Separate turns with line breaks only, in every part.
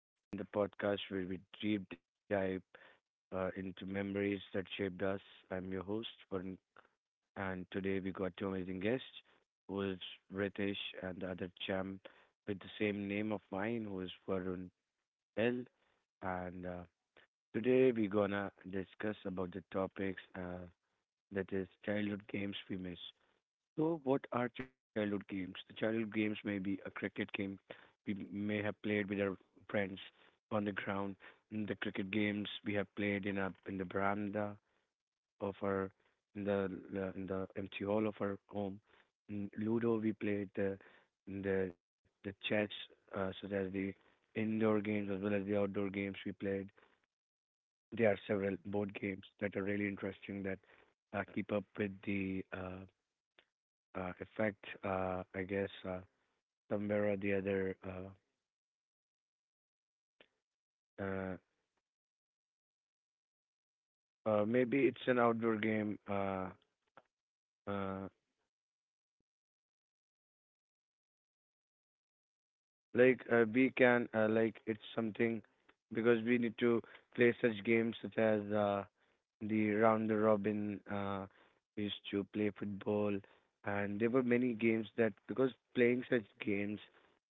Retro Rewind, the podcast where we deep dive into memories that shaped us. I'm your host, Varun, and today we got two amazing guests, who is Ritesh and the other champ with the same name of mine, who is Varun L. And Today we're gonna discuss about the topics that is childhood games we miss. So, what are childhood games? The childhood games may be a cricket game we may have played with our friends on the ground. In the cricket games we have played in the veranda of our in the in the empty hall of our home. In Ludo we played the the chess, such as the indoor games as well as the outdoor games we played. There are several board games that are really interesting that keep up with the effect, I guess, somewhere or the other. Uh, uh, Maybe it's an outdoor game. Uh, Like we can like it's something because we need to play such games such as the round the robin. We used to play football, and there were many games that because playing such games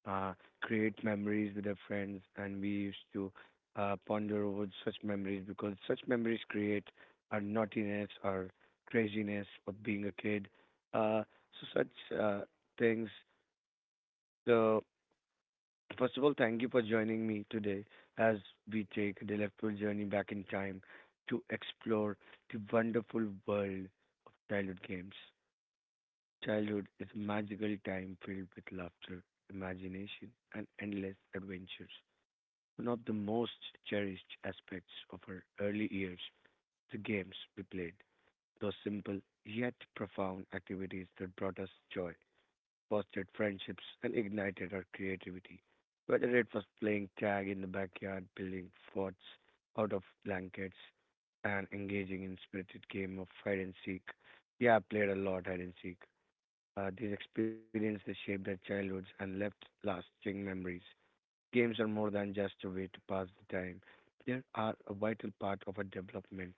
uh, create memories with our friends, and we used to ponder over such memories because such memories create our naughtiness, our craziness of being a kid. Uh, so such things so. First of all, thank you for joining me today as we take a delightful journey back in time to explore the wonderful world of childhood games. Childhood is a magical time filled with laughter, imagination, and endless adventures. One of the most cherished aspects of our early years, the games we played, those simple yet profound activities that brought us joy, fostered friendships, and ignited our creativity. Whether it was playing tag in the backyard, building forts out of blankets, and engaging in spirited game of hide and seek. Yeah, I played a lot hide and seek. These experiences shaped our childhoods and left lasting memories. Games are more than just a way to pass the time. They are a vital part of our development.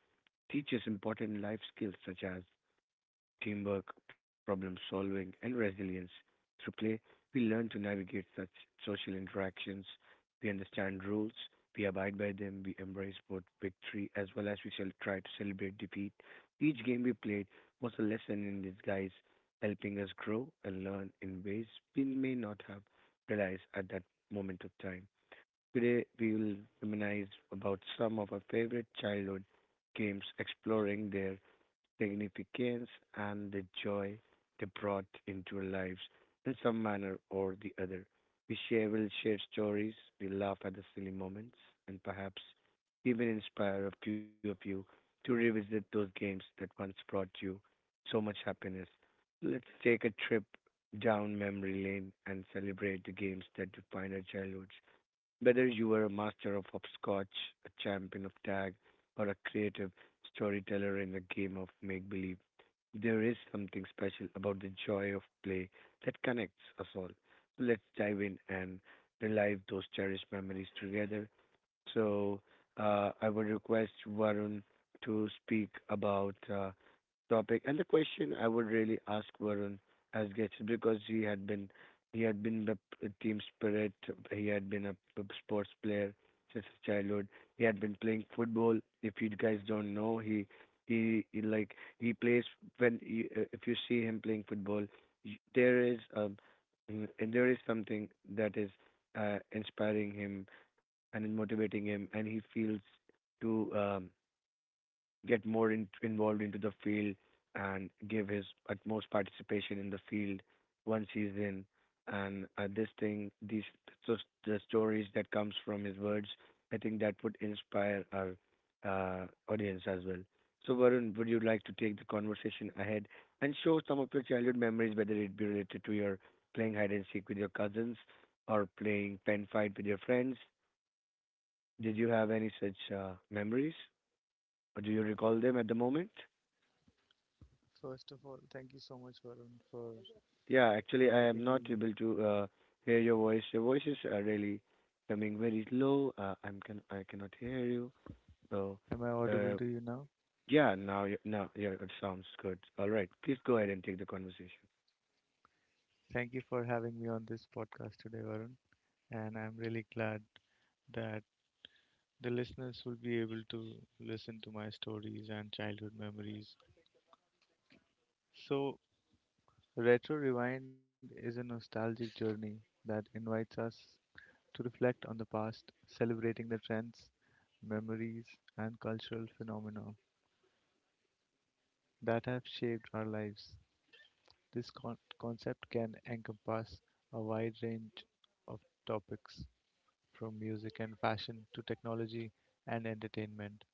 Teach us important life skills such as teamwork, problem-solving, and resilience. Through play, we learn to navigate such social interactions. We understand rules, we abide by them, we embrace both victory as well as we shall try to celebrate defeat. Each game we played was a lesson in disguise, helping us grow and learn in ways we may not have realized at that moment of time. Today, we will reminisce about some of our favorite childhood games, exploring their significance and the joy they brought into our lives in some manner or the other. We will share stories, we laugh at the silly moments, and perhaps even inspire a few of you to revisit those games that once brought you so much happiness. Let's take a trip down memory lane and celebrate the games that defined our childhoods. Whether you are a master of hopscotch, a champion of tag, or a creative storyteller in a game of make believe, there is something special about the joy of play that connects us all. So let's dive in and relive those cherished memories together. So I would request Varun to speak about topic. And the question I would really ask Varun as gets because he had been the team spirit. He had been a sports player since his childhood. He had been playing football. If you guys don't know, he like he plays when he if you see him playing football, there is and there is something that is inspiring him and motivating him, and he feels to get more involved into the field and give his utmost participation in the field once he's in and this thing these so the stories that comes from his words I think that would inspire our audience as well. So Varun, would you like to take the conversation ahead and show some of your childhood memories, whether it be related to your playing hide and seek with your cousins or playing pen fight with your friends? Did you have any such memories, or do you recall them at the moment?
First of all, thank you so much, Varun, for
Yeah, actually, I am
inviting
not
me.
able to hear your voice. Your voice is really coming very low. I'm can I cannot hear you. So,
Am I audible
uh,
to you now?
yeah, now yeah, it sounds good. All right, please go ahead and take the conversation.
Thank you for having me on this podcast today, Varun. And I'm really glad that the listeners will be able to listen to my stories and childhood memories. So, Retro Rewind is a nostalgic journey that invites us to reflect on the past, celebrating the trends, memories, and cultural phenomena that have shaped our lives. This concept can encompass a wide range of topics, from music and fashion to technology and entertainment,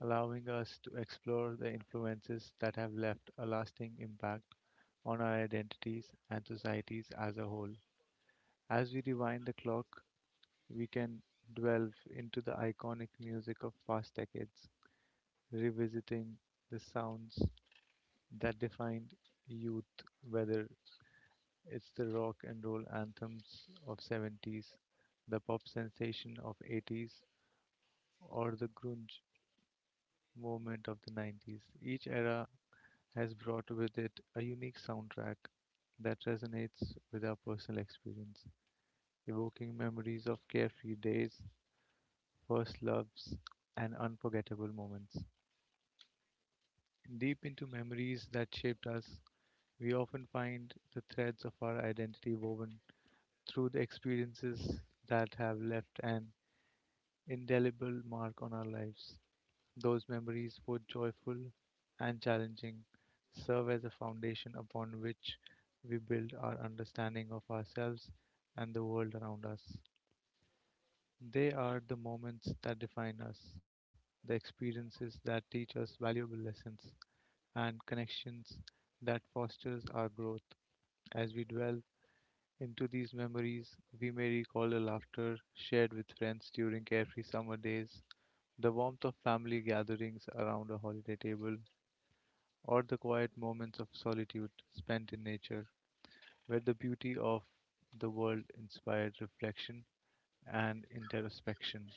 allowing us to explore the influences that have left a lasting impact on our identities and societies as a whole. As we rewind the clock, we can delve into the iconic music of past decades, revisiting the sounds that defined youth, whether it's the rock and roll anthems of 70s, the pop sensation of 80s, or the grunge movement of the 90s. Each era has brought with it a unique soundtrack that resonates with our personal experience, evoking memories of carefree days, first loves, and unforgettable moments. Deep into memories that shaped us, we often find the threads of our identity woven through the experiences that have left an indelible mark on our lives. Those memories, both joyful and challenging, serve as a foundation upon which we build our understanding of ourselves and the world around us. They are the moments that define us, the experiences that teach us valuable lessons, and connections that fosters our growth. As we dwell into these memories, we may recall the laughter shared with friends during carefree summer days, the warmth of family gatherings around a holiday table, or the quiet moments of solitude spent in nature, where the beauty of the world inspired reflection and introspection.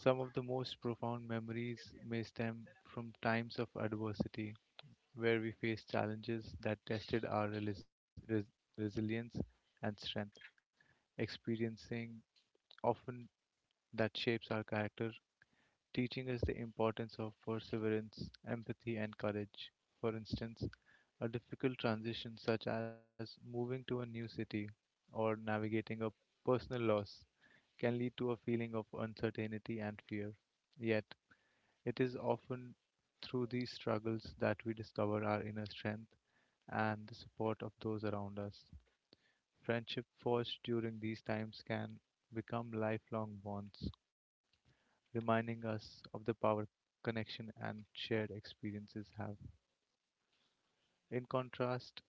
Some of the most profound memories may stem from times of adversity, where we faced challenges that tested our resilience and strength, experiencing often that shapes our character, teaching us the importance of perseverance, empathy, and courage. For instance, a difficult transition such as moving to a new city or navigating a personal loss can lead to a feeling of uncertainty and fear. Yet, it is often through these struggles that we discover our inner strength and the support of those around us. Friendship forged during these times can become lifelong bonds, reminding us of the power connection and shared experiences have. In contrast,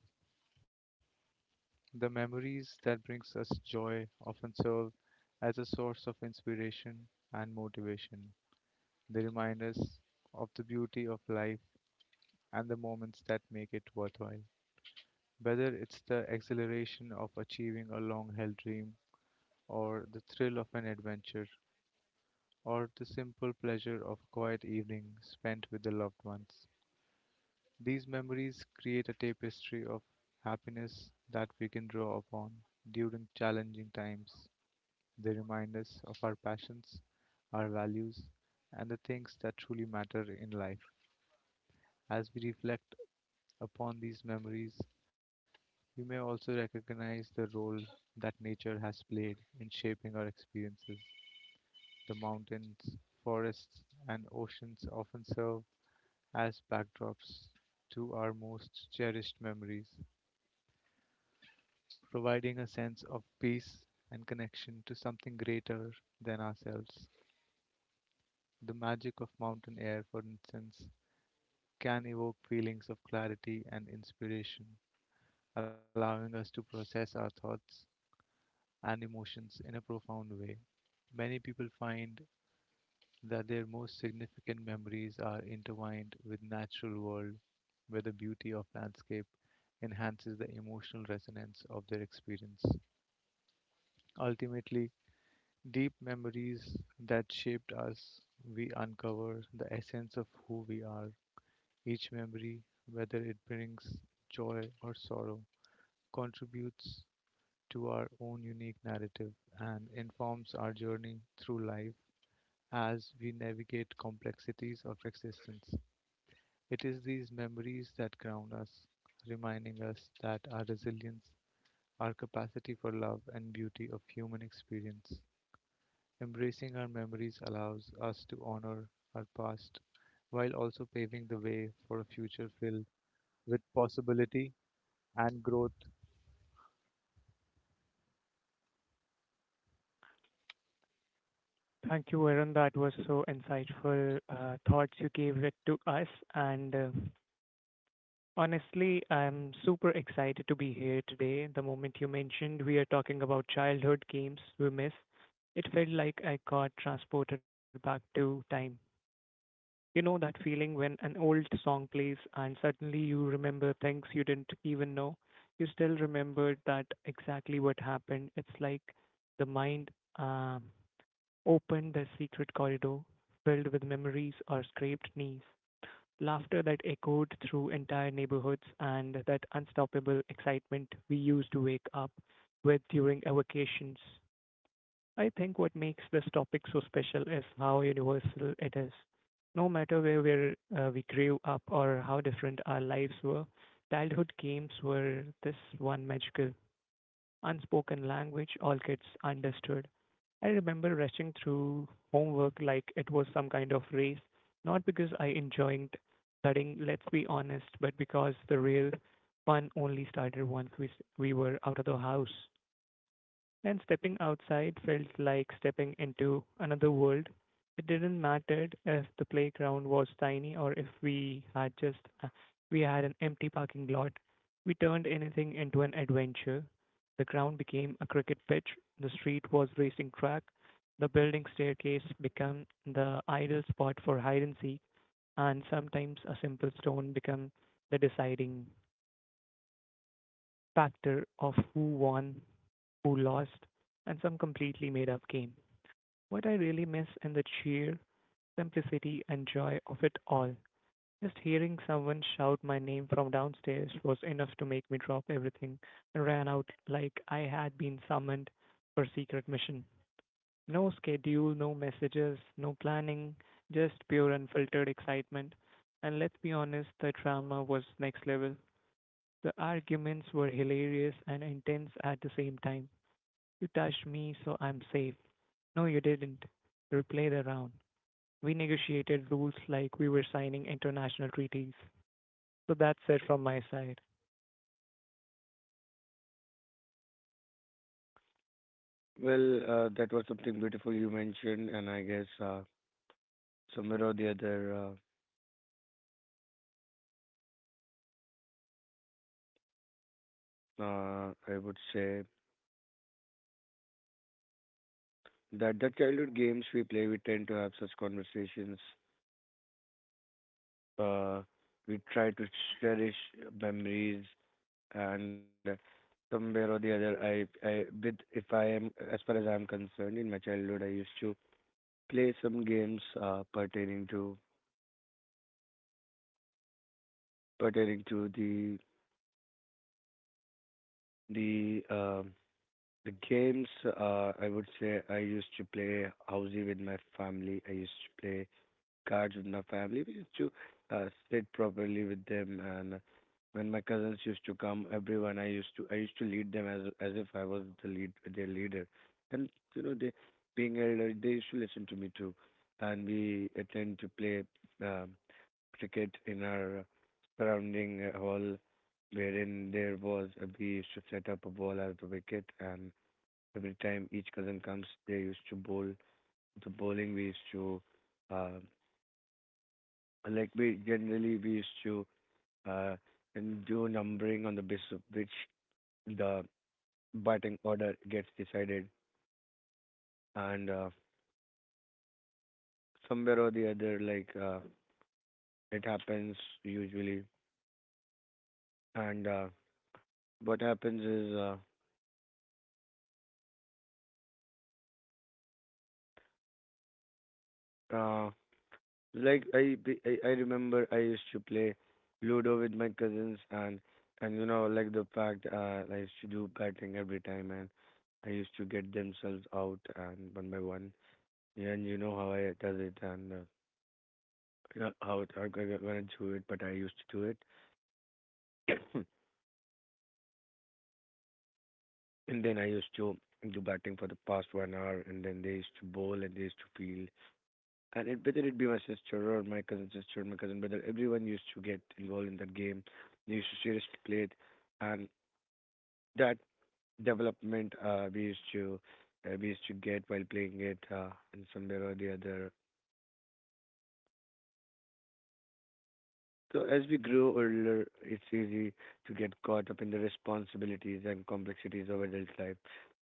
the memories that brings us joy often serve as a source of inspiration and motivation. They remind us of the beauty of life and the moments that make it worthwhile. Whether it's the exhilaration of achieving a long held dream or the thrill of an adventure, or the simple pleasure of a quiet evening spent with the loved ones. These memories create a tapestry of happiness that we can draw upon during challenging times. They remind us of our passions, our values, and the things that truly matter in life. As we reflect upon these memories, we may also recognize the role that nature has played in shaping our experiences. The mountains, forests, and oceans often serve as backdrops to our most cherished memories, providing a sense of peace and connection to something greater than ourselves. The magic of mountain air, for instance, can evoke feelings of clarity and inspiration, allowing us to process our thoughts and emotions in a profound way. Many people find that their most significant memories are intertwined with natural world where the beauty of landscape enhances the emotional resonance of their experience. Ultimately, deep memories that shaped us, we uncover the essence of who we are. Each memory, whether it brings joy or sorrow, contributes to our own unique narrative and informs our journey through life as we navigate complexities of existence. It is these memories that ground us, reminding us that our resilience, our capacity for love and beauty of human experience. Embracing our memories allows us to honor our past while also paving the way for a future filled with possibility and growth.
Thank you, Varun. That was so insightful thoughts you gave it to us. And Honestly, I'm super excited to be here today. The moment you mentioned we are talking about childhood games we miss, it felt like I got transported back to time. You know that feeling when an old song plays and suddenly you remember things you didn't even know? You still remembered that exactly what happened. It's like the mind um, open the secret corridor, filled with memories or scraped knees, laughter that echoed through entire neighborhoods, and that unstoppable excitement we used to wake up with during our vacations. I think what makes this topic so special is how universal it is. No matter where we grew up or how different our lives were, childhood games were this one magical unspoken language all kids understood. I remember rushing through homework like it was some kind of race, not because I enjoyed studying, let's be honest, but because the real fun only started once we were out of the house. And stepping outside felt like stepping into another world. It didn't matter if the playground was tiny or if we had an empty parking lot. We turned anything into an adventure. The ground became a cricket pitch, the street was racing track, the building staircase became the ideal spot for hide and seek, and sometimes a simple stone became the deciding factor of who won who lost, and some completely made up game. What I really miss in the cheer, simplicity and joy of it all. Just hearing someone shout my name from downstairs was enough to make me drop everything and ran out like I had been summoned for a secret mission. No schedule, no messages, no planning, just pure unfiltered excitement. And let's be honest, the drama was next level. The arguments were hilarious and intense at the same time. You touched me, so I'm safe. No, you didn't. Replay the round. We negotiated rules like we were signing international treaties. So that's it from my side.
Well, that was something beautiful you mentioned, and I guess somewhere or the other, I would say that the childhood games we play, we tend to have such conversations. Uh, we try to cherish memories and somewhere or the other, I with if I am, as far as I'm concerned, in my childhood I used to play some games pertaining to the the um the games. I would say I used to play housey with my family. I used to play cards with my family. We used to uh, sit properly with them, and when my cousins used to come, everyone, I used to lead them as if I was their leader, and you know they being elder they used to listen to me too, and we tend to play um, cricket in our surrounding hall, wherein there was we used to set up a ball as the wicket, and every time each cousin comes, they used to bowl the bowling we used to. Uh, like we generally we used to uh, and do numbering on the basis of which the batting order gets decided, and somewhere or the other, like it happens usually. And what happens is, uh, like I remember I used to play Ludo with my cousins, and you know like the fact I used to do batting every time, and I used to get themselves out and one by one. And you know how I does it, and how I'm gonna do it, but I used to do it. And then I used to do batting for the past 1 hour, and then they used to bowl and they used to field. And it, whether it be my sister or my cousin sister or my cousin brother, everyone used to get involved in that game. They used to seriously play it, and that development we used to get while playing it in somewhere or the other. So as we grow older, it's easy to get caught up in the responsibilities and complexities of adult life.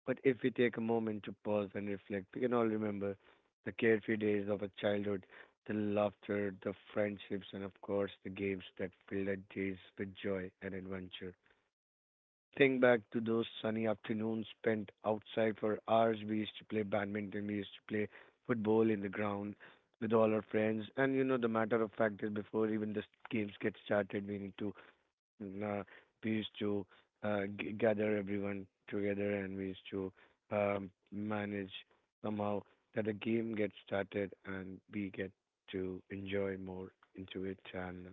But if we take a moment to pause and reflect, we can all remember the carefree days of our childhood, the laughter, the friendships, and of course the games that filled our days with joy and adventure. Think back to those sunny afternoons spent outside for hours. We used to play badminton, we used to play football in the ground with all our friends. And you know, the matter of fact is, before even the games get started, we need to, uh, we used to gather everyone together and we used to manage somehow that the game gets started and we get to enjoy more into it. And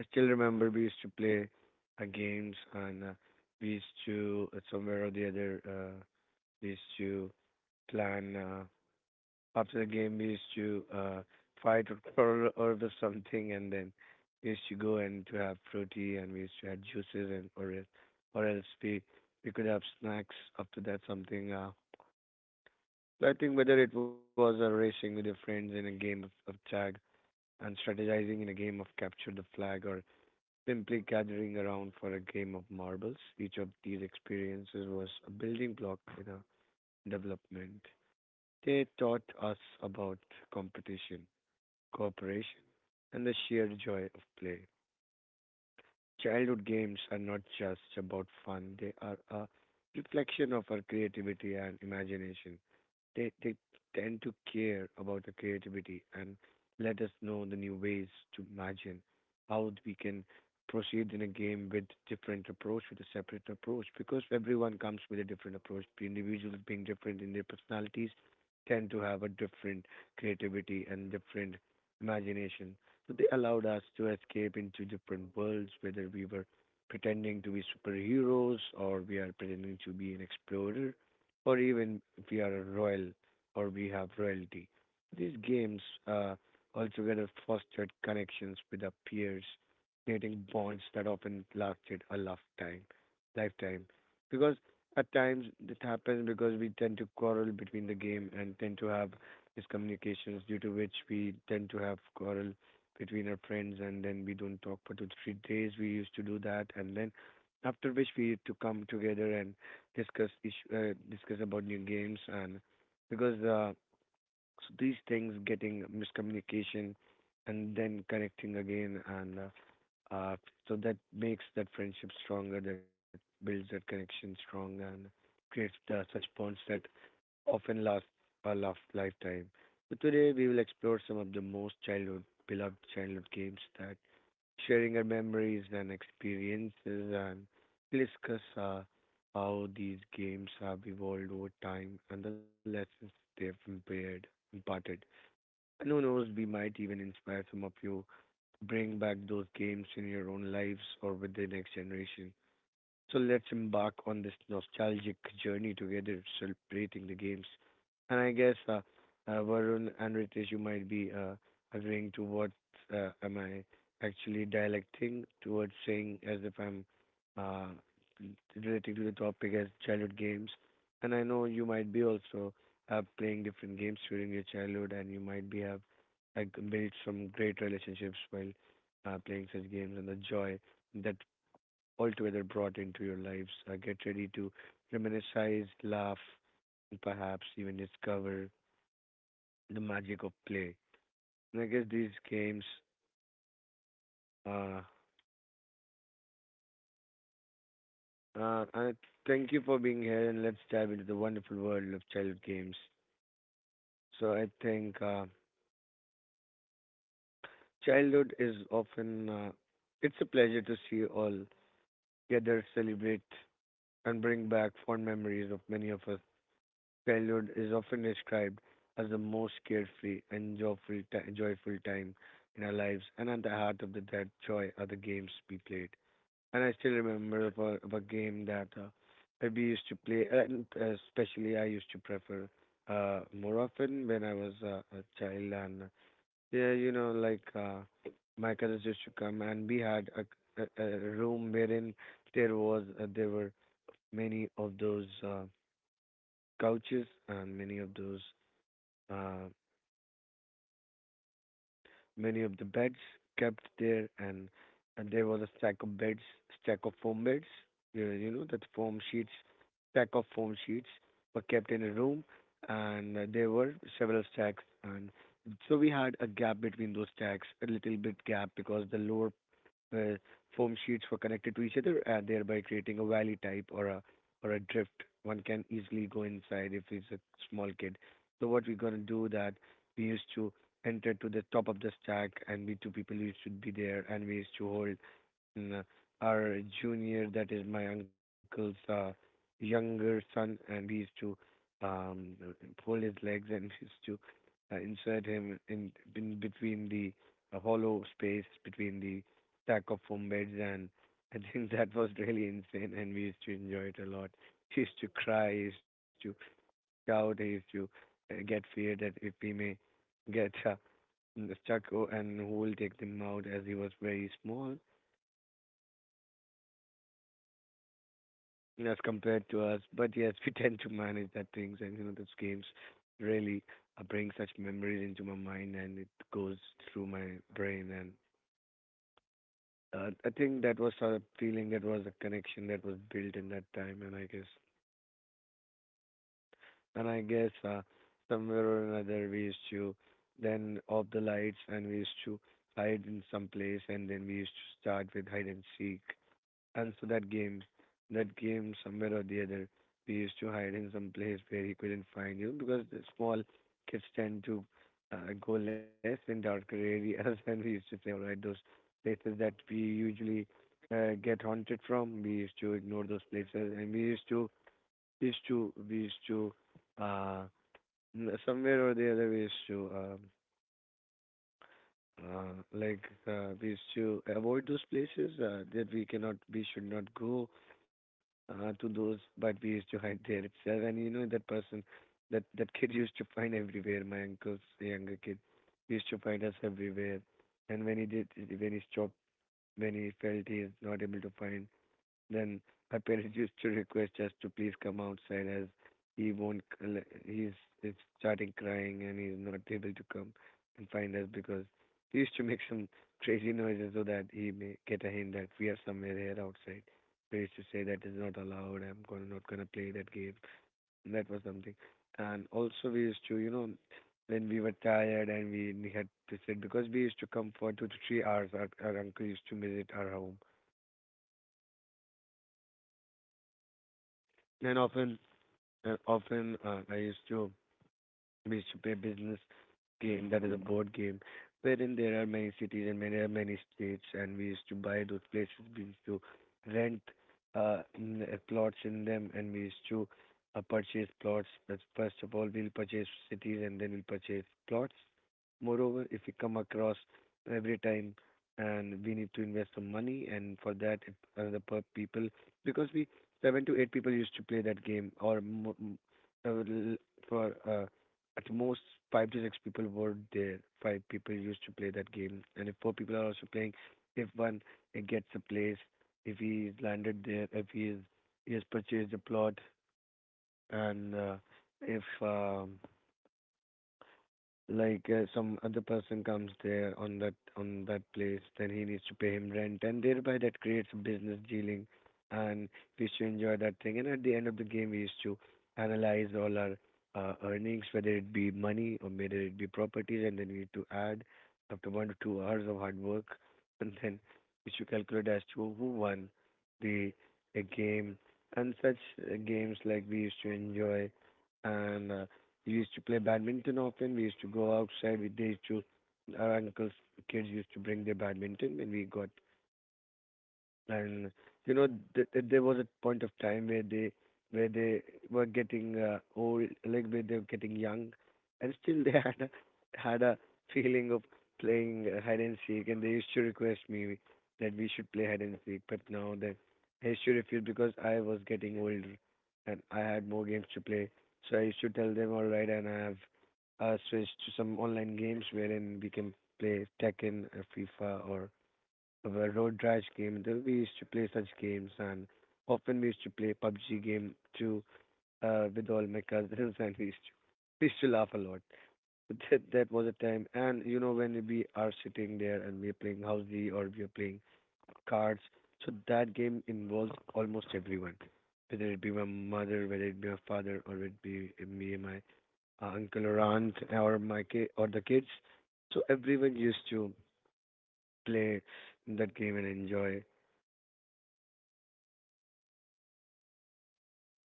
I still remember we used to play games and we used to somewhere or the other we used to plan after the game we used to fight or quarrel over something and then we used to go and to have fruity and we used to have juices and or else or else we we could have snacks after that something. So I think whether it was racing with your friends in a game of tag and strategizing in a game of capture the flag or simply gathering around for a game of marbles, each of these experiences was a building block in our development. They taught us about competition, cooperation, and the sheer joy of play. Childhood games are not just about fun, they are a reflection of our creativity and imagination. They tend to care about the creativity and let us know the new ways to imagine how we can proceed in a game with different approach, with a separate approach, because everyone comes with a different approach. The individuals being different in their personalities tend to have a different creativity and different imagination. So they allowed us to escape into different worlds, whether we were pretending to be superheroes or we are pretending to be an explorer or even if we are a royal or we have royalty. These games altogether fostered connections with our peers, creating bonds that often lasted a lifetime. Lifetime, because at times it happens because we tend to quarrel between the game and tend to have miscommunications, due to which we tend to have quarrel between our friends, and then we don't talk for 2 3 days. We used to do that, and then after which we used to come together and discuss about new games and because so these things getting miscommunication and then connecting again and uh, so that makes that friendship stronger, that builds that connection strong and creates such bonds that often last a last lifetime. So today we will explore some of the most childhood beloved childhood games, that sharing our memories and experiences, and we'll discuss how these games have evolved over time and the lessons they've imparted. And who knows, we might even inspire some of you to bring back those games in your own lives or with the next generation. So let's embark on this nostalgic journey together, celebrating the games. And I guess Varun and Ritesh, you might be agreeing to what am I actually dialecting towards saying, as if I'm uh, relating to the topic as childhood games. And I know you might be also playing different games during your childhood, and you might be have like built some great relationships while playing such games and the joy that altogether brought into your lives. Get ready to reminisce, laugh, and perhaps even discover the magic of play. And I guess these games. Uh, and thank you for being here, and let's dive into the wonderful world of childhood games. So I think childhood is often it's a pleasure to see all together, celebrate, and bring back fond memories of many of us. Childhood is often described as the most carefree and joyful time in our lives, and at the heart of that joy are the games we played. And I still remember of of a game that we used to play, especially I used to prefer more often when I was a child. And yeah, you know, like my cousins used to come, and we had a room wherein there were many of those couches and uh, many of the beds kept there, and there was a stack of foam beds, you know, stack of foam sheets were kept in a room, and there were several stacks, and so we had a gap between those stacks, a little bit gap, because the lower where foam sheets were connected to each other, thereby creating a valley type or a drift. One can easily go inside if he's a small kid. So what we're gonna do that we used to enter to the top of the stack, and we two people used to be there, and we used to hold n- our junior, that is my uncle's younger son, and we used to um, pull his legs, and we used to insert him in between the hollow space between the stack of foam beds, and I think that was really insane, and we used to enjoy it a lot. He used to cry, he used to shout, he used to get feared that if we may get stuck, oh, and who will take them out, as he was very small as compared to us. But yes, we tend to manage that things, and you know, those games really bring such memories into my mind, and it goes through my brain. And I think that was a feeling, that was a connection that was built in that time, and I guess somewhere or another we used to then off the lights, and we used to hide in some place, and then we used to start with hide and seek. And so that game, somewhere or the other, we used to hide in some place where he couldn't find you, because the small kids tend to go less in darker areas. And we used to say, all right, those places that we usually get haunted from, we used to ignore those places. And we used to, uh, n- somewhere or the other, we used to avoid those places that we cannot, we should not go to those, but we used to hide there itself. And you know that person, that kid used to find everywhere. My uncle's younger kid used to find us everywhere. And when he did, when he stopped, when he felt he is not able to find, then my parents used to request us to please come outside, as he won't, he's starting crying and he's not able to come and find us, because he used to make some crazy noises so that he may get a hint that we are somewhere here outside. They used to say that is not allowed. I'm gonna not gonna play that game. That was something. And also we used to, you know, when we were tired and we had to sit, because we used to come for 2 to 3 hours. Our uncle used to visit our home, and often I used to we used to play business game, that is a board game wherein there are many cities and there are many states, and we used to buy those places, we used to rent plots in them, and we used to purchase plots, but first of all we'll purchase cities and then we'll purchase plots. Moreover, if we come across every time and we need to invest some money, and for that if another per people, because we seven to eight people used to play that game, or mo- m- l- for at most five to six people were there. Five people used to play that game, and if four people are also playing, if one gets a place, if he's landed there, if he has purchased a plot, and if like some other person comes there on that place, then he needs to pay him rent, and thereby that creates business dealing. And we used to enjoy that thing, and at the end of the game we used to analyze all our earnings, whether it be money or whether it be properties, and then we need to add after 1 to 2 hours of hard work, and then we should calculate as to who won the a game. And such games, like, we used to enjoy. And we used to play badminton often. We used to go outside. They used to, our uncle's kids used to bring their badminton when we got. And you know, there was a point of time where they were getting old, like where they were getting young, and still they had a feeling of playing hide and seek, and they used to request me that we should play hide and seek. But now that I used to refuse, because I was getting older and I had more games to play. So I used to tell them, all right, and I have switched to some online games wherein we can play Tekken or FIFA or our road rash game. There we used to play such games, and often we used to play PUBG game too with all my cousins, and we used to laugh a lot. But that was a time. And you know, when we are sitting there and we are playing housey, or we are playing cards. So that game involves almost everyone, whether it be my mother, whether it be my father, or it be me and my uncle or aunt or or the kids. So everyone used to play that game and enjoy.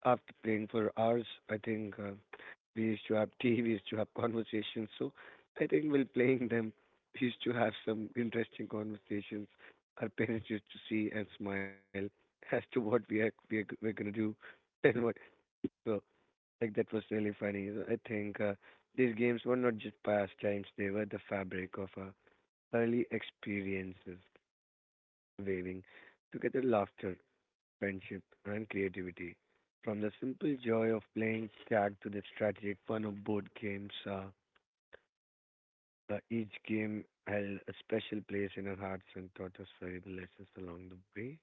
After playing for hours, I think we used to have tea, we used to have conversations. So I think while playing them, we used to have some interesting conversations. Our parents used to see and smile as to what we're gonna do and what. So, like, that was really funny. So I think these games were not just pastimes; they were the fabric of our early experiences, waving together laughter, friendship, and creativity. From the simple joy of playing tag to the strategic fun of board games, each game held a special place in our hearts and taught us valuable lessons along the way.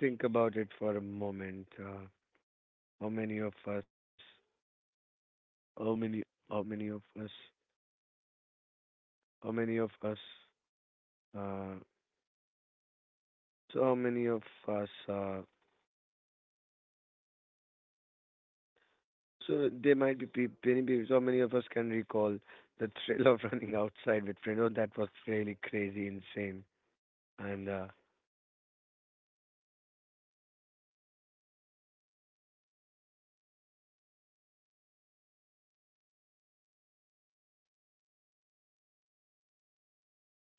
Think about it for a moment. How many of us, how many, how many of us, how many of us, uh, so many of us So there might be pe- many people, so many of us can recall the thrill of running outside with friends. Oh, that was really crazy, insane, and uh,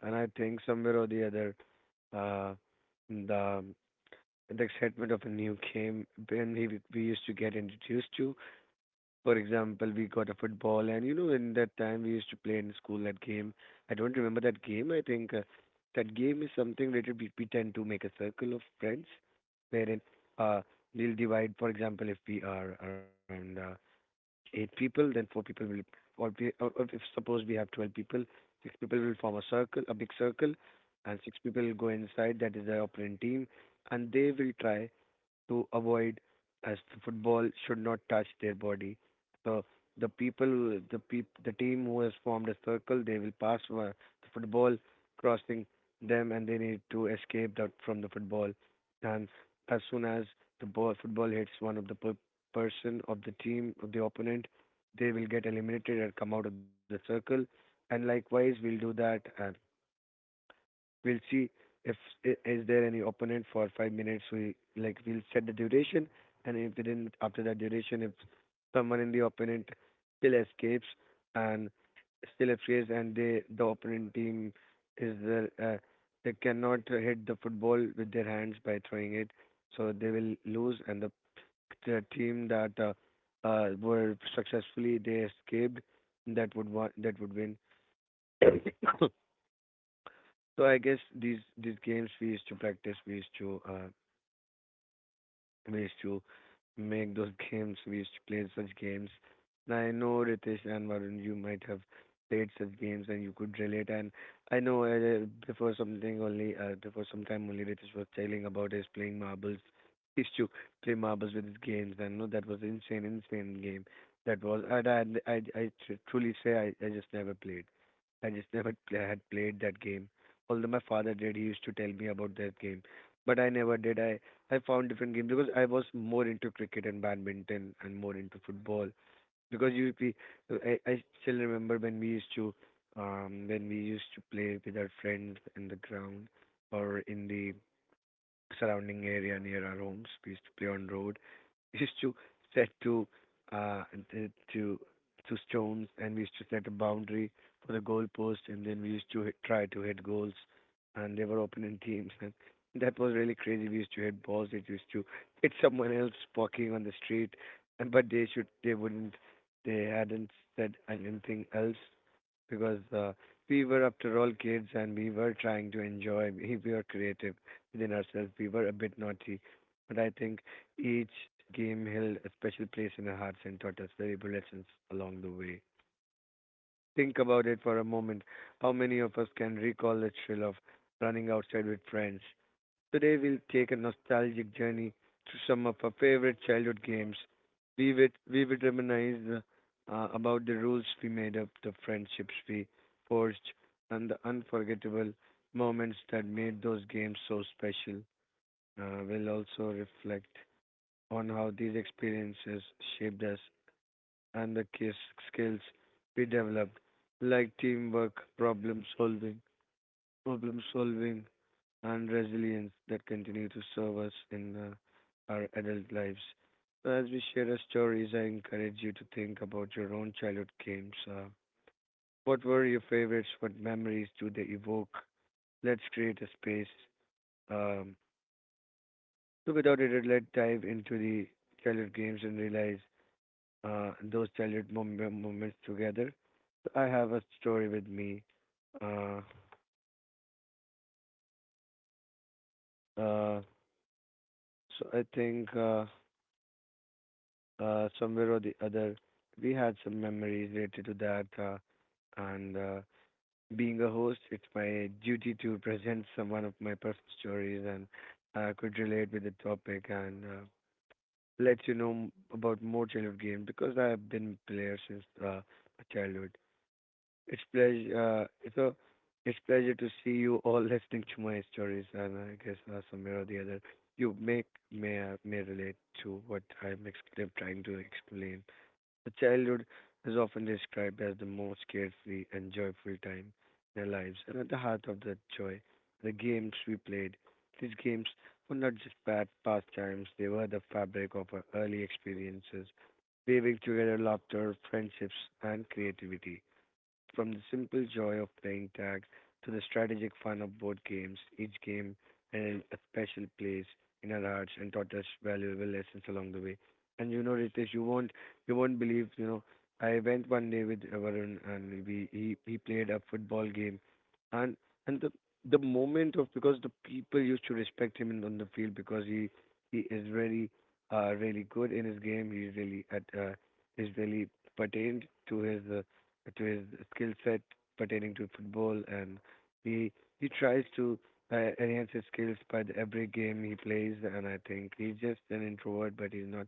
and I think somewhere or the other, uh, the the excitement of a new game when we used to get introduced to. For example, we got a football, and you know, in that time we used to play in school that game. I don't remember that game. I think that game is something related. We tend to make a circle of friends, wherein uh, we'll divide. For example, if we are around eight people, then four people will, or if suppose we have 12 people, six people will form a circle, a big circle, and six people will go inside. That is the opponent team, and they will try to avoid as the football should not touch their body. So the people, the peop, the team who has formed a circle, they will pass the football crossing them, and they need to escape that from the football. And as soon as the ball football hits one of the person of the team of the opponent, they will get eliminated and come out of the circle. And likewise, we'll do that. uh, We'll see if is there any opponent for 5 minutes. We like we'll set the duration, and if within after that duration, if someone in the opponent still escapes and still escapes, and they the opponent team is they cannot hit the football with their hands by throwing it, so they will lose. And the team that were successfully they escaped that that would win. So I guess these games we used to practice, we used to make those games. We used to play such games. And I know Ritesh and Varun, you might have played such games and you could relate. And I know before some time only, Ritesh was telling about his playing marbles. He used to play marbles with his games, and no, that was insane, insane game. That was, and I tr- truly say I just never played. I just never pl- had played that game. Although my father did, he used to tell me about that game, but I never did. I found different games because I was more into cricket and badminton and more into football because I still remember when we used to when we used to play with our friends in the ground or in the surrounding area near our homes. We used to play on road. We used to set to uh th- to stones, and we used to set a boundary for the goal post, and then we used to hit, try to hit goals, and they were opponent teams, and that was really crazy. We used to hit balls. It used to hit someone else walking on the street, and but they wouldn't they hadn't said anything else because we were, after all, kids and we were trying to enjoy. We were creative within ourselves. We were a bit naughty, but I think each game held a special place in our hearts and taught us valuable lessons along the way. Think about it for a moment. How many of us can recall the thrill of running outside with friends. Today we'll take a nostalgic journey through some of our favorite childhood games. We would reminisce about the rules we made up, the friendships we forged, and the unforgettable moments that made those games so special. We'll also reflect on how these experiences shaped us and the key skills we developed, like teamwork, problem solving, and resilience that continue to serve us in our adult lives. So, as we share our stories, I encourage you to think about your own childhood games. What were your favorites? What memories do they evoke? Let's create a space. Um, so, without it, let's dive into the childhood games and realize those moments together. I have a story with me. Uh, uh, so I think. Somewhere or the other, we had some memories related to that. And being a host, it's my duty to present some one of my personal stories and I could relate with the topic and let you know about more childhood games because I have been a player since my childhood. It's pleasure. Uh, it's a it's pleasure to see you all listening to my stories, and I guess somewhere or the other, you make may relate to what trying to explain. The childhood is often described as the most carefree and joyful time in our lives, and at the heart of that joy, the games we played. These games were not just pastimes, they were the fabric of our early experiences, weaving together laughter, friendships, and creativity. From the simple joy of playing tag to the strategic fun of board games, each game held a special place in our hearts and taught us valuable lessons along the way. And you know, Ritesh, you won't believe, you know, I went one day with Varun and he played a football game and and the moment of because the people used to respect him on the field because he is really really good in his game. He's really at is really pertained to his skill set pertaining to football, and he he tries to enhance his skills by every game he plays. And I think he's just an introvert, but he's not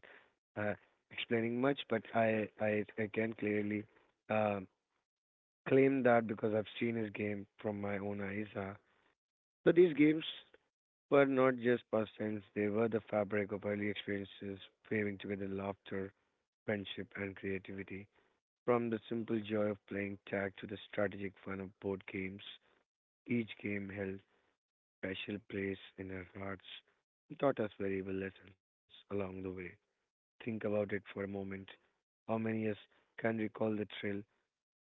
uh, explaining much. But I can clearly um claim that because I've seen his game from my own eyes. So these games were not just pastimes; they were the fabric of early experiences, weaving together laughter, friendship, and creativity. From the simple joy of playing tag to the strategic fun of board games, each game held special place in our hearts and taught us valuable lessons along the way. Think about it for a moment. How many of us can recall the thrill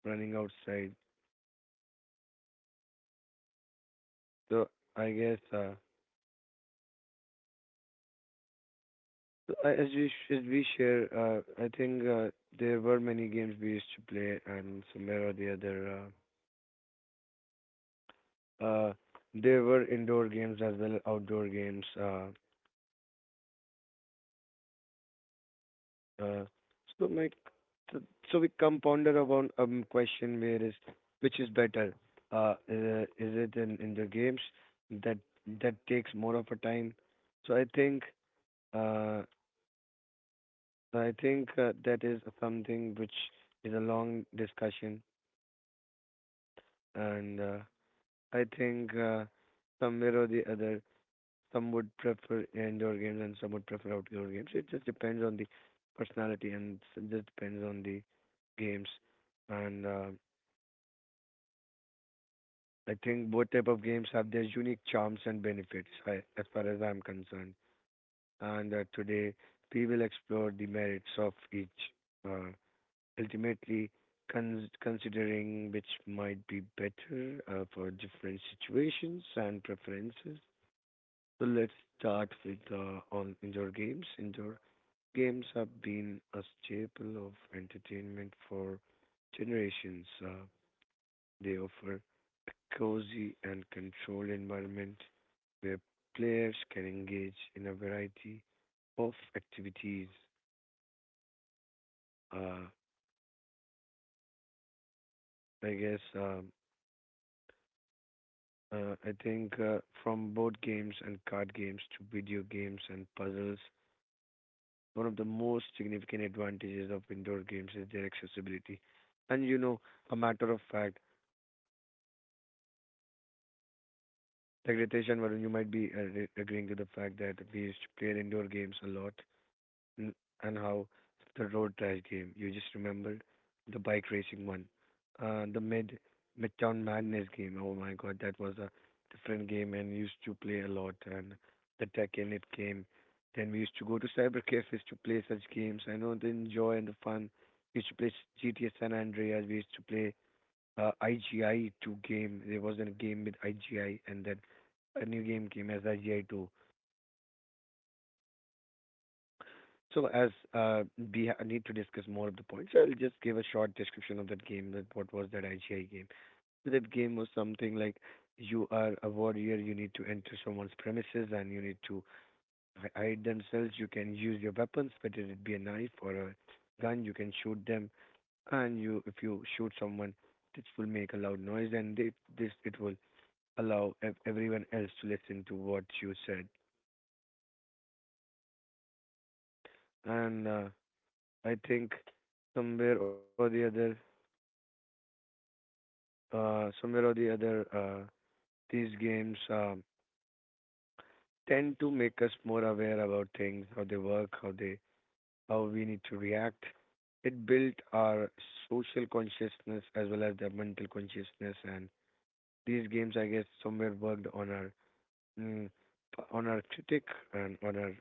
running outside? So I guess uh, as we as we share, I think there were many games we used to play, and somewhere or the other, uh, there were indoor games as well outdoor games. Uh, so my so, so we come ponder about question where is which is better? Is it in the games that takes more of a time? So uh I think that is something which is a long discussion and I think some mirror the other. Some would prefer indoor games and some would prefer outdoor games. It just depends on the personality just depends on the games. And I think both type of games have their unique charms and benefits, as far as I'm concerned. And today we will explore the merits of each, uh, ultimately considering which might be better for different situations and preferences. So let's start with on indoor games. Indoor games have been a staple of entertainment for generations. They offer a cozy and controlled environment where players can engage in a variety of activities. Uh, I guess I think from board games and card games to video games and puzzles, one of the most significant advantages of indoor games is their accessibility. And you know, a matter of fact, like Ritesh and Varun, you might be agreeing to the fact that we used to play indoor games a lot. n- and how the road trash game. You just remembered the bike racing one, the mid midtown madness game. Oh my god, that was a different game and used to play a lot. And the tech in it came. Then we used to go to cyber cafes to play such games. I know the joy and the fun. We used to play GTA San Andreas. We used to play IGI 2 game. There was a game with IGI, and then a new game came as IGI 2. So as we need to discuss more of the points, so I'll just give a short description of that game. That what was that IGI game? So that game was something like you are a warrior. You need to enter someone's premises and you need to hide themselves. You can use your weapons, whether it be a knife or a gun. You can shoot them, and you if you shoot someone, it will make a loud noise, and it, this it will allow everyone else to listen to what you said. And I think somewhere or the other somewhere or the other, these games tend to make us more aware about things, how they work, how we need to react. It built our social consciousness as well as the mental consciousness, and these games, I guess, somewhere worked mm, on our critic and on our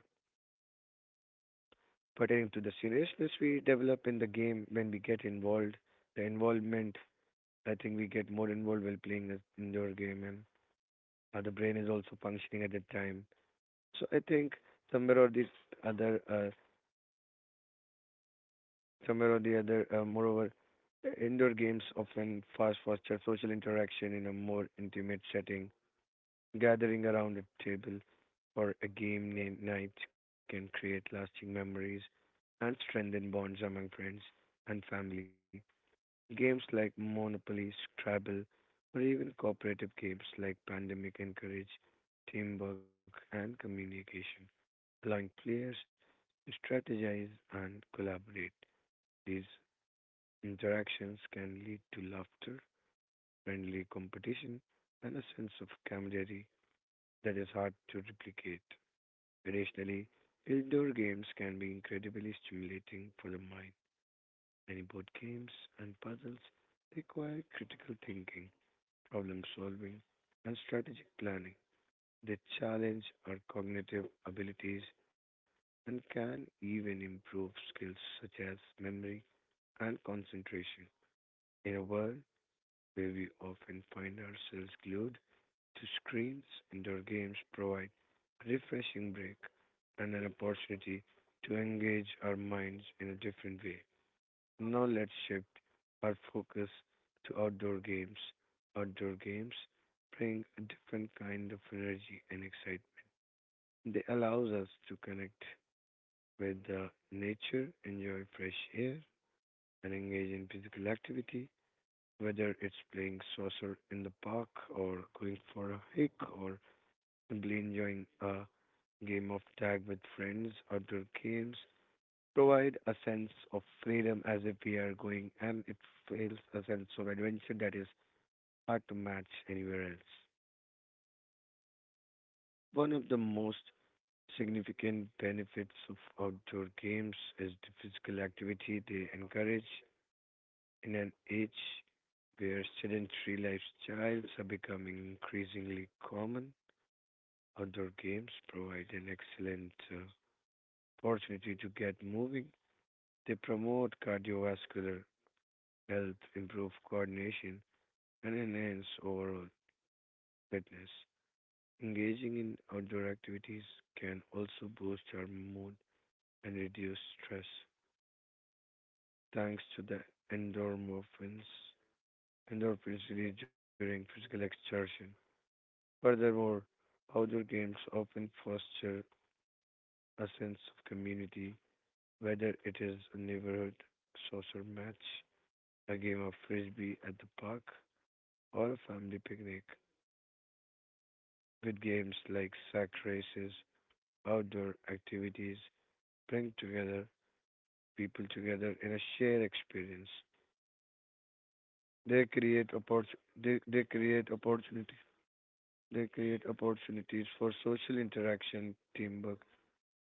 pertaining to the seriousness we develop in the game when we get involved. The involvement, I think, we get more involved while playing this indoor game, and the brain is also functioning at that time. So I think somewhere or the other, somewhere or the other, moreover, indoor games often fast foster social interaction in a more intimate setting. Gathering around a table for a game night can create lasting memories and strengthen bonds among friends and family. Games like Monopoly, Scrabble, or even cooperative games like Pandemic encourage teamwork and communication, allowing players to strategize and collaborate. These interactions can lead to laughter, friendly competition, and a sense of camaraderie that is hard to replicate. Additionally, indoor games can be incredibly stimulating for the mind. Many board games and puzzles require critical thinking, problem solving, and strategic planning. They challenge our cognitive abilities and can even improve skills such as memory and concentration. In a world where we often find ourselves glued to screens, indoor games provide a refreshing break and an opportunity to engage our minds in a different way. Now let's shift our focus to outdoor games. Outdoor games bring a different kind of energy and excitement. They allow us to connect with the nature, enjoy fresh air, and engage in physical activity. Whether it's playing soccer in the park or going for a hike or simply enjoying a game of tag with friends, outdoor games provide a sense of freedom as if we are going and it feels a sense of adventure that is hard to match anywhere else. One of the most significant benefits of outdoor games is the physical activity they encourage. In an age where sedentary lifestyles are becoming increasingly common, outdoor games provide an excellent opportunity to get moving. They promote cardiovascular health, improve coordination, and enhance overall fitness. Engaging in outdoor activities can also boost our mood and reduce stress, thanks to the endorphins, endorphins released during physical exertion. Furthermore, outdoor games often foster a sense of community, whether it is a neighborhood social match, a game of frisbee at the park, or a family picnic. With games like sack races, outdoor activities bring together people together in a shared experience. They create oppor- they create opportunity they create opportunities for social interaction, teamwork,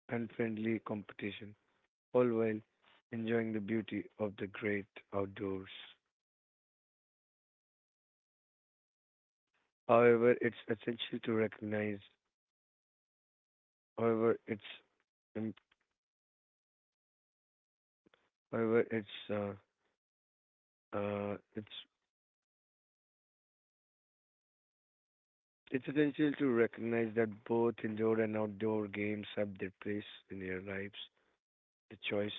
and friendly competition, all while enjoying the beauty of the great outdoors. However, it's essential to recognize, however, it's, um, however, uh, it's, it's essential to recognize that both indoor and outdoor games have their place in your lives. The choice,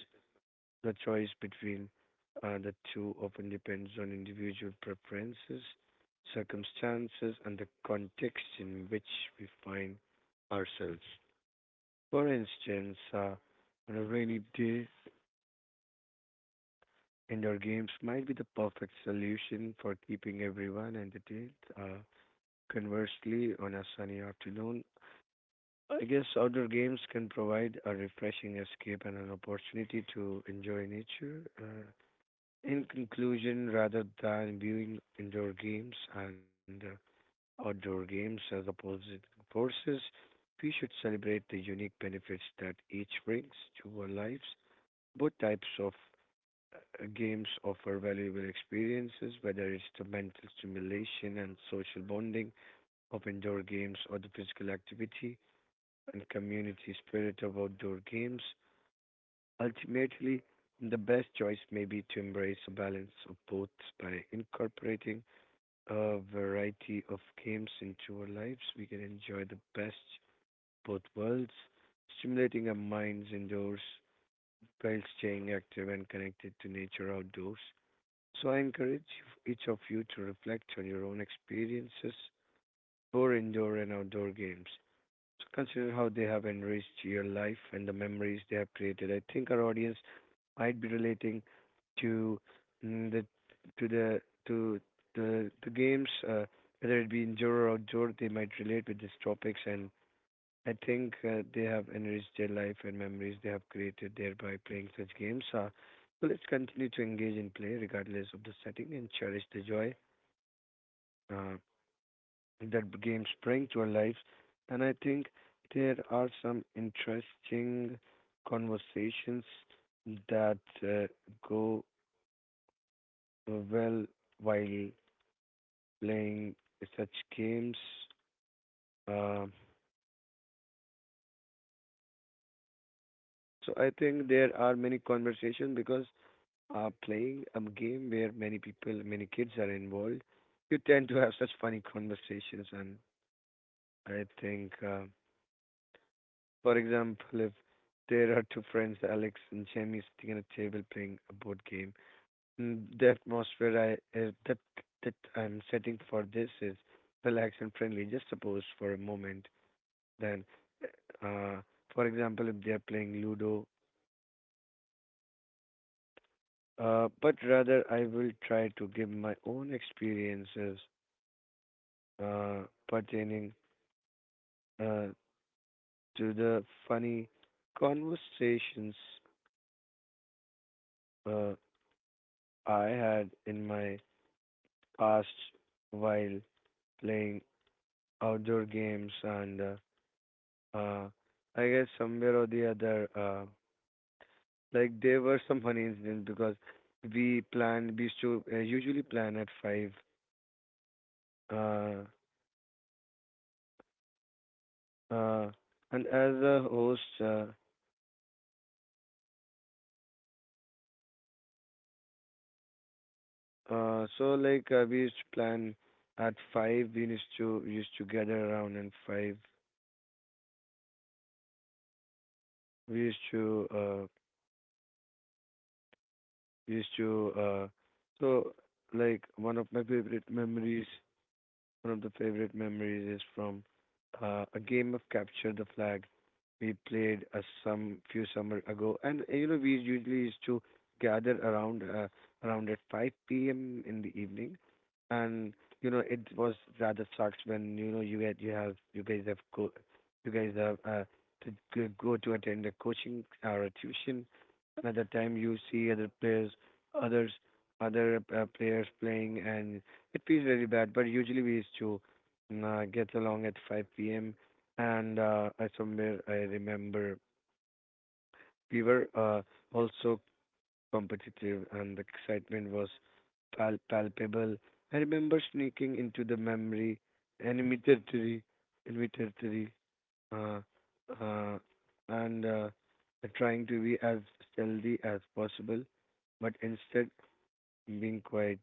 the choice between the two often depends on individual preferences, circumstances, and the context in which we find ourselves. For instance, on a rainy day, indoor games might be the perfect solution for keeping everyone entertained. Uh, Conversely, on a sunny afternoon, I guess outdoor games can provide a refreshing escape and an opportunity to enjoy nature. In conclusion, rather than viewing indoor games and outdoor games as opposite forces, we should celebrate the unique benefits that each brings to our lives. Both types of games offer valuable experiences, whether it's the mental stimulation and social bonding of indoor games or the physical activity and community spirit of outdoor games. Ultimately, the best choice may be to embrace a balance of both. By incorporating a variety of games into our lives, we can enjoy the best both worlds, stimulating our minds indoors while staying active and connected to nature outdoors. So I encourage each of you to reflect on your own experiences for indoor and outdoor games. So consider how they have enriched your life and the memories they have created. I think our audience might be relating to mm, the to the games, whether it be indoor or outdoor. They might relate with these topics, and I think they have enriched their life and memories they have created thereby playing such games. So let's continue to engage in play regardless of the setting and cherish the joy uh, that games bring to our lives. And I think there are some interesting conversations that go well while playing such games. Uh, so I think there are many conversations because playing a game where many people, many kids are involved, you tend to have such funny conversations. And I think, for example, if there are two friends, Alex and Jamie, sitting at a table playing a board game, the atmosphere I that that I'm setting for this is relaxed and friendly. Just suppose for a moment, then, uh, for example, if they are playing Ludo. But rather, I will try to give my own experiences uh, pertaining uh, to the funny conversations uh, I had in my past while playing outdoor games, and uh, I guess somewhere or the other, like there were some funny incidents because we usually plan at five, uh, uh, and as a host. So like we used to plan at five. We used to gather around and five. We used to uh we used to so like one of my favorite memories One of the favorite memories is from a game of Capture the Flag we played a some few summer ago, and you know we usually used to gather around at 5 p.m. in the evening, and you know it was rather sucks when you know you get you have you guys have go you guys have to go to attend a coaching or a tuition. Another time you see other players others other players playing and it feels very bad, but usually we used to get along at 5 p.m. And I remember we were also competitive, and the excitement was palpable. I remember sneaking into the enemy territory, enemy territory, uh, uh, and trying to be as stealthy as possible, but instead being quite.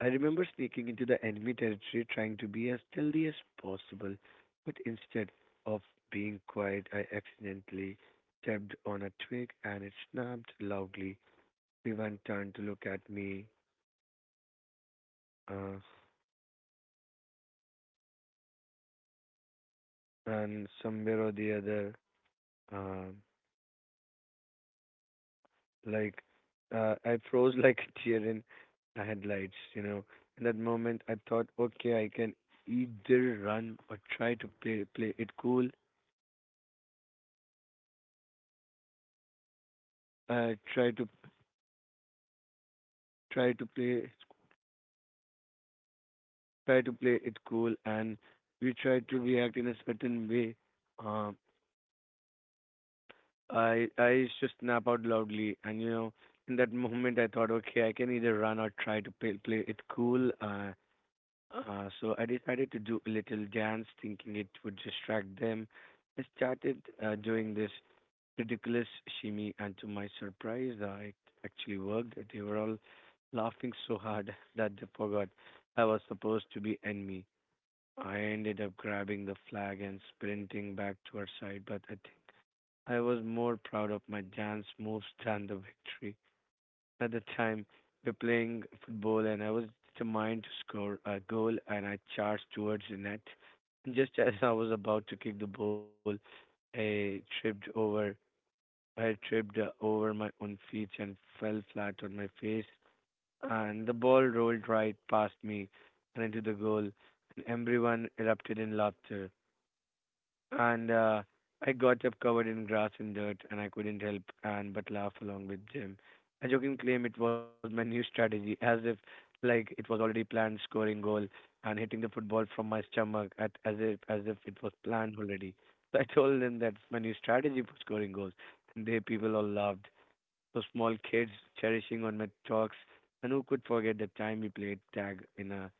I remember sneaking into the enemy territory trying to be as stealthy as possible, but instead of being quiet, I accidentally stepped on a twig and it snapped loudly. Everyone turned to look at me, uh, and somewhere or the other, uh, like I froze like a deer in the headlights. In that moment, I thought, okay, I can either run or try to play it cool. Uh, try to try to play Try to play it cool and we try to react in a certain way. Um, I used to snap out loudly, and in that moment I thought, okay, I can either run or try to play it cool. So I decided to do a little dance, thinking it would distract them. I started doing this ridiculous shimmy, and to my surprise, it actually worked. They were all laughing so hard that they forgot I was supposed to be enemy. I ended up grabbing the flag and sprinting back to our side, but I think I was more proud of my dance moves than the victory. At the time, we were playing football and I was determined to score a goal and I charged towards the net. And just as I was about to kick the ball, I tripped over I tripped over my own feet and fell flat on my face and the ball rolled right past me and into the goal and everyone erupted in laughter. And I got up covered in grass and dirt, and I couldn't help and but laugh along with Jim. I joking claimed it was my new strategy, as if like it was already planned, scoring goal and hitting the football from my stomach, at, as if it was planned already. So I told them that's my new strategy for scoring goals, and they people all laughed. So small kids cherishing on my talks, and who could forget the time we played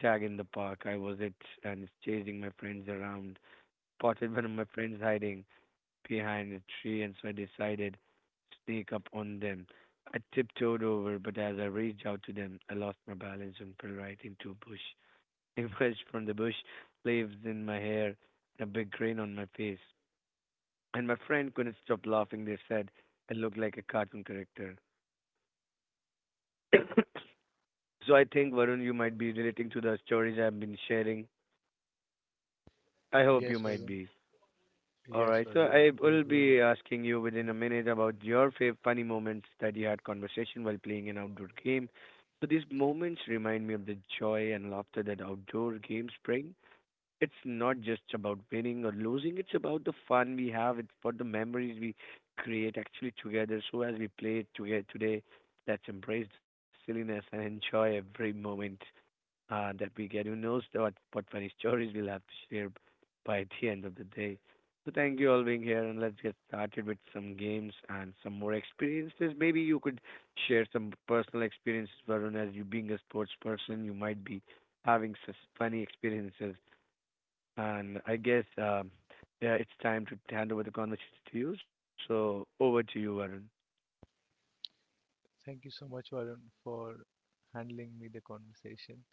tag in the park. I was it and chasing my friends around, spotted one of my friends hiding behind a tree, and so I decided to sneak up on them. I tiptoed over, but as I reached out to them, I lost my balance and fell right into a bush. I emerged from the bush, leaves in my hair, and a big grin on my face. And my friend couldn't stop laughing. They said I looked like a cartoon character. So I think, Varun, you might be relating to the stories I've been sharing. I hope you
Yes,
might
Varun.
be. All
Yes,
right. So
Varun.
I
Those
will
were.
be asking you within a
Mhm.
minute about your funny moments that you had conversation while playing an outdoor game. So these moments remind me of the joy and laughter that outdoor games bring. It's not just about winning or losing, it's about the fun we have, it's about the memories we create actually together. So as we play together today, let's embrace the silliness and enjoy every moment that we get. Who knows what funny stories we'll have to share by the end of the day. So thank you all being here, and let's get started with some games and some more experiences. Maybe you could share some personal experiences, Varun, as you being a sports person, you might be having such funny experiences. And I guess yeah, it's time to hand over the conversation to you. So over to you, Varun.
Thank you so much, Varun, for handling me the conversation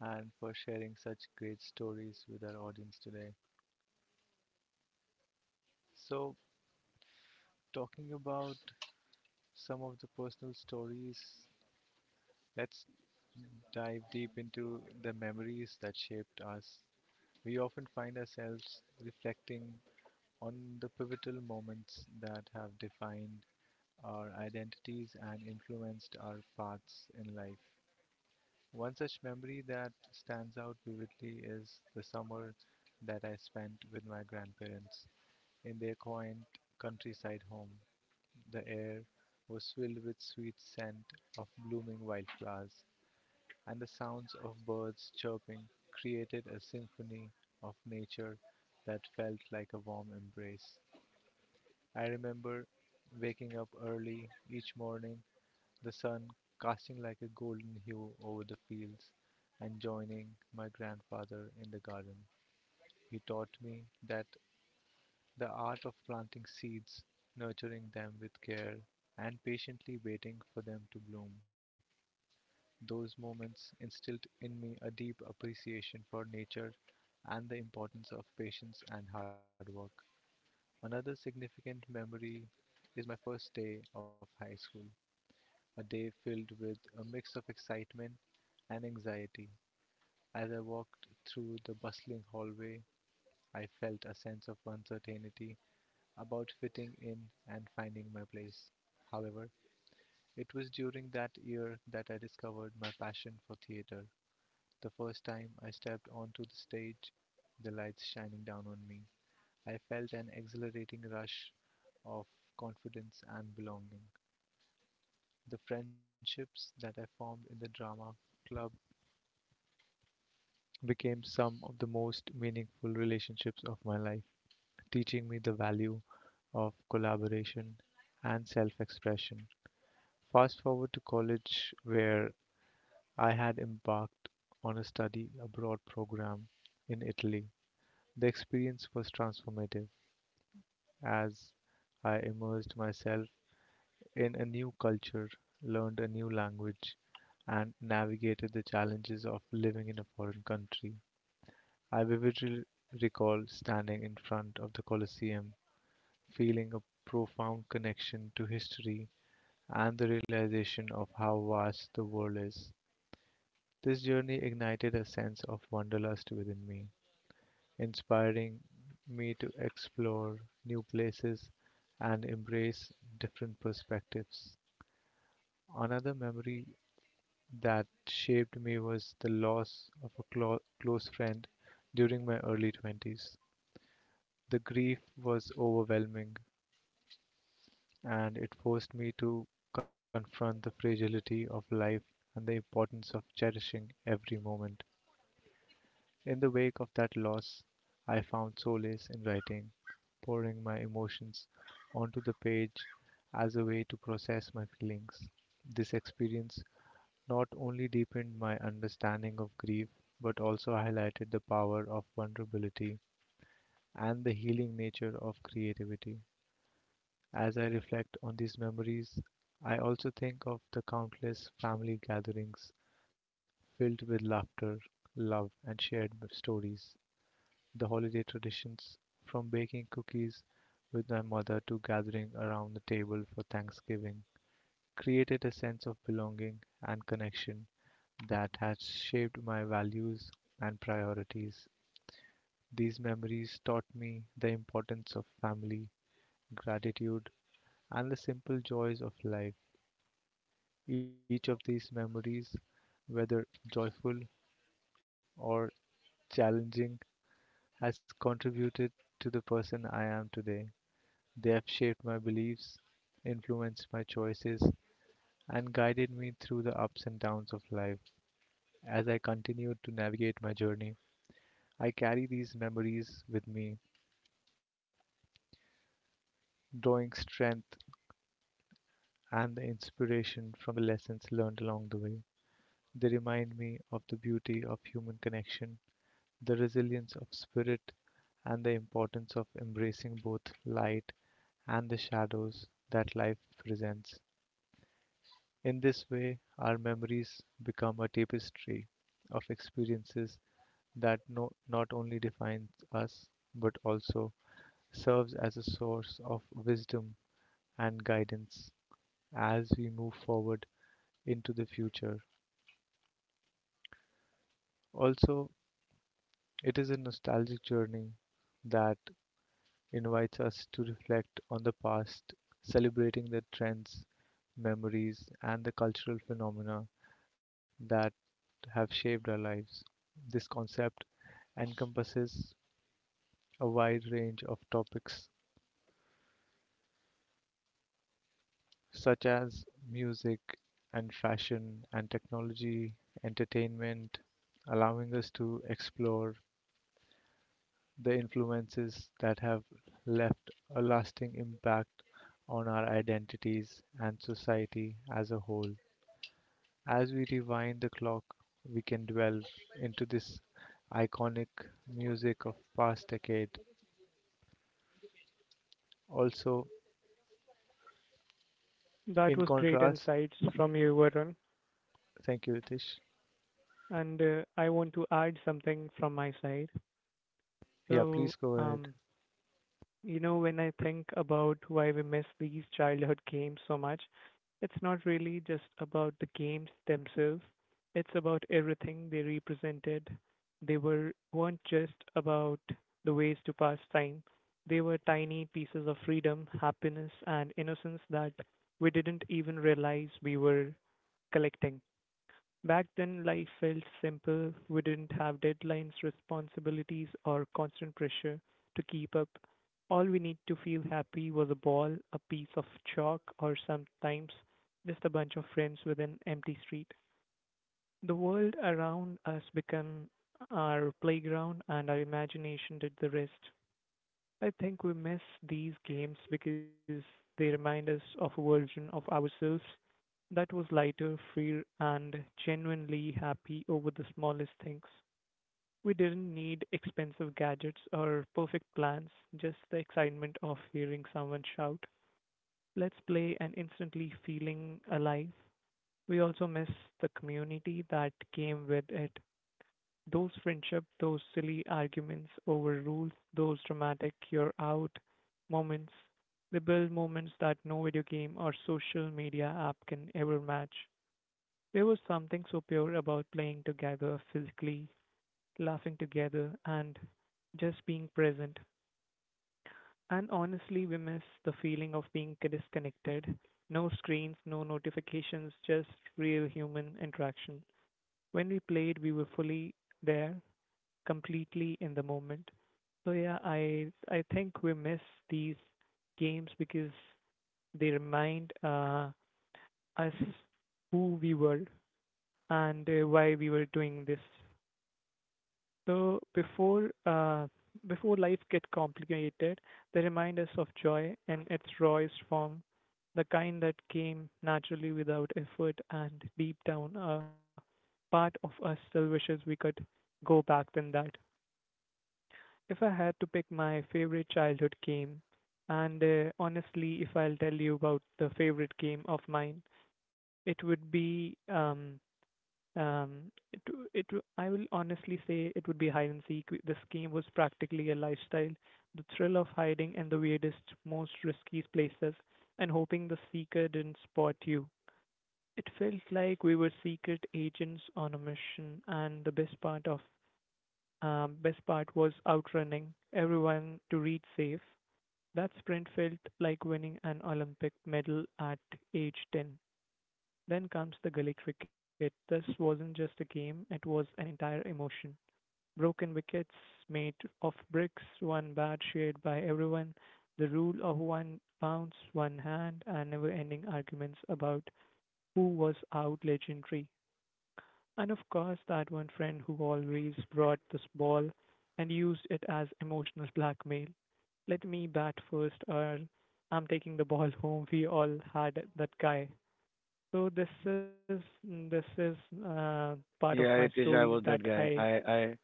and for sharing such great stories with our audience today. So, talking about some of the personal stories, let's dive deep into the memories that shaped us. We often find ourselves reflecting on the pivotal moments that have defined our identities and influenced our paths in life. One such memory that stands out vividly is the summer that I spent with my grandparents in their quaint countryside home. The air was filled with sweet scent of blooming wildflowers, and the sounds of birds chirping created a symphony of nature that felt like a warm embrace. I remember waking up early each morning, the sun casting like a golden hue over the fields, and joining my grandfather in the garden. He taught me that the art of planting seeds, nurturing them with care, and patiently waiting for them to bloom. Those moments instilled in me a deep appreciation for nature and the importance of patience and hard work. Another significant memory is my first day of high school, a day filled with a mix of excitement and anxiety. As I walked through the bustling hallway, I felt a sense of uncertainty about fitting in and finding my place. However, it was during that year that I discovered my passion for theater. The first time I stepped onto the stage, the lights shining down on me, I felt an exhilarating rush of confidence and belonging. The friendships that I formed in the drama club became some of the most meaningful relationships of my life, teaching me the value of collaboration and self expression. Fast forward to college, where I had embarked on a study abroad program in Italy. The experience was transformative as I immersed myself in a new culture, learned a new language, and navigated the challenges of living in a foreign country. I vividly recall standing in front of the Colosseum, feeling a profound connection to history and the realization of how vast the world is. This journey ignited a sense of wanderlust within me, inspiring me to explore new places and embrace different perspectives. Another memory that shaped me was the loss of a close friend during my early 20s. The grief was overwhelming and it forced me to confront the fragility of life and the importance of cherishing every moment. In the wake of that loss, I found solace in writing, pouring my emotions onto the page as a way to process my feelings. This experience not only deepened my understanding of grief, but also highlighted the power of vulnerability and the healing nature of creativity. As I reflect on these memories, I also think of the countless family gatherings filled with laughter, love, and shared stories, the holiday traditions, from baking cookies with my mother to gathering around the table for Thanksgiving, created a sense of belonging and connection that has shaped my values and priorities. These memories taught me the importance of family, gratitude, and the simple joys of life. Each of these memories, whether joyful or challenging, has contributed to the person I am today. They have shaped my beliefs, influenced my choices, and guided me through the ups and downs of life. As I continue to navigate my journey, I carry these memories with me, drawing strength and the inspiration from the lessons learned along the way. They remind me of the beauty of human connection, the resilience of spirit, and the importance of embracing both light and the shadows that life presents. In this way, our memories become a tapestry of experiences that no, not only defines us but also serves as a source of wisdom and guidance as we move forward into the future. Also, it is a nostalgic journey that invites us to reflect on the past, celebrating the trends, memories, and the cultural phenomena that have shaped our lives. This concept encompasses a wide range of topics such as music and fashion and technology, entertainment, allowing us to explore the influences that have left a lasting impact on our identities and society as a whole. As we rewind the clock, we can delve into this iconic music of past decade. Also,
That
in
was great
contrast,
insights from you, Varun.
thank you, Ritesh.
And I want to add something from my side.
Yeah,
So,
please go ahead.
um, you know, when I think about why we miss these childhood games so much, it's not really just about the games themselves. It's about everything they represented. They were weren't just about the ways to pass time. They were tiny pieces of freedom, happiness, and innocence that we didn't even realize we were collecting. Back then life felt simple; we didn't have deadlines, responsibilities, or constant pressure to keep up. All we need to feel happy was a ball, a piece of chalk, or sometimes just a bunch of friends with an empty street. The world around us became our playground and our imagination did the rest. I think we miss these games because they remind us of a version of ourselves that was lighter, freer, genuinely happy over the smallest things. We didn't need expensive gadgets or perfect plans, just the excitement of hearing someone shout, let's play, and instantly feeling alive. We also miss the community that came with it. Those friendship, those silly arguments over rules, those dramatic you're out moments. They build moments that no video game or social media app can ever match. There was something so pure about playing together physically, laughing together, and just being present. And honestly, we miss the feeling of being disconnected. No screens, no notifications, just real human interaction. When we played, we were fully there, completely in the moment. So yeah, I think we miss these games because they remind us who we were and why we were doing this. So before life get complicated, they remind us of joy in its rawest form, the kind that came naturally without effort, and deep down, a part of us still wishes we could go back than that. If I had to pick my favorite childhood game, and honestly, if I'll tell you about the favorite game of mine, it would be um, it, it, I will honestly say it would be hide and seek. This game was practically a lifestyle. The thrill of hiding in the weirdest, most risky places and hoping the seeker didn't spot you. It felt like we were secret agents on a mission, and the best part of best part was outrunning everyone to reach safe. That sprint felt like winning an Olympic medal at age 10. Then comes the Gully cricket. This wasn't just a game, it was an entire emotion. Broken wickets made of bricks, one bat shared by everyone, the rule of one bounce, one hand, and never ending arguments about who was out legendary. And of course, that one friend who always brought this ball and used it as emotional blackmail. Let me bat first, or I'm taking the ball home. We all had that guy. So this is uh, part of my
Yeah, Ritesh,
stories
I was
that
that guy.
I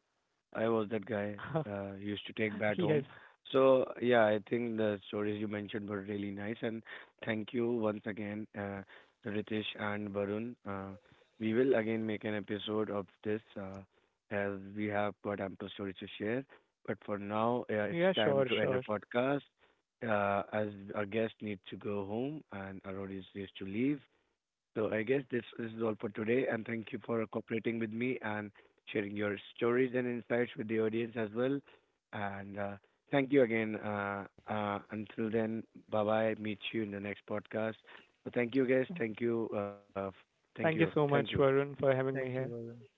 I was that guy. Used to take bat
yes
home. So yeah, I think the stories you mentioned were really nice, and thank you once again, Ritesh and Varun. We will again make an episode of this as we have got ample stories to share. But for now, it's
yeah
time
sure
to end the
sure.
podcast. As our guest needs to go home and Aronis needs to leave. So I guess this, this is all for today, and thank you for cooperating with me and sharing your stories and insights with the audience as well. And thank you again. Until then, bye bye. Meet you in the next podcast. So thank you, guys. Thank you. Thank you.
Thank you
Thank
so
you.
much Varun for having me
Thank you,
here.
Varun.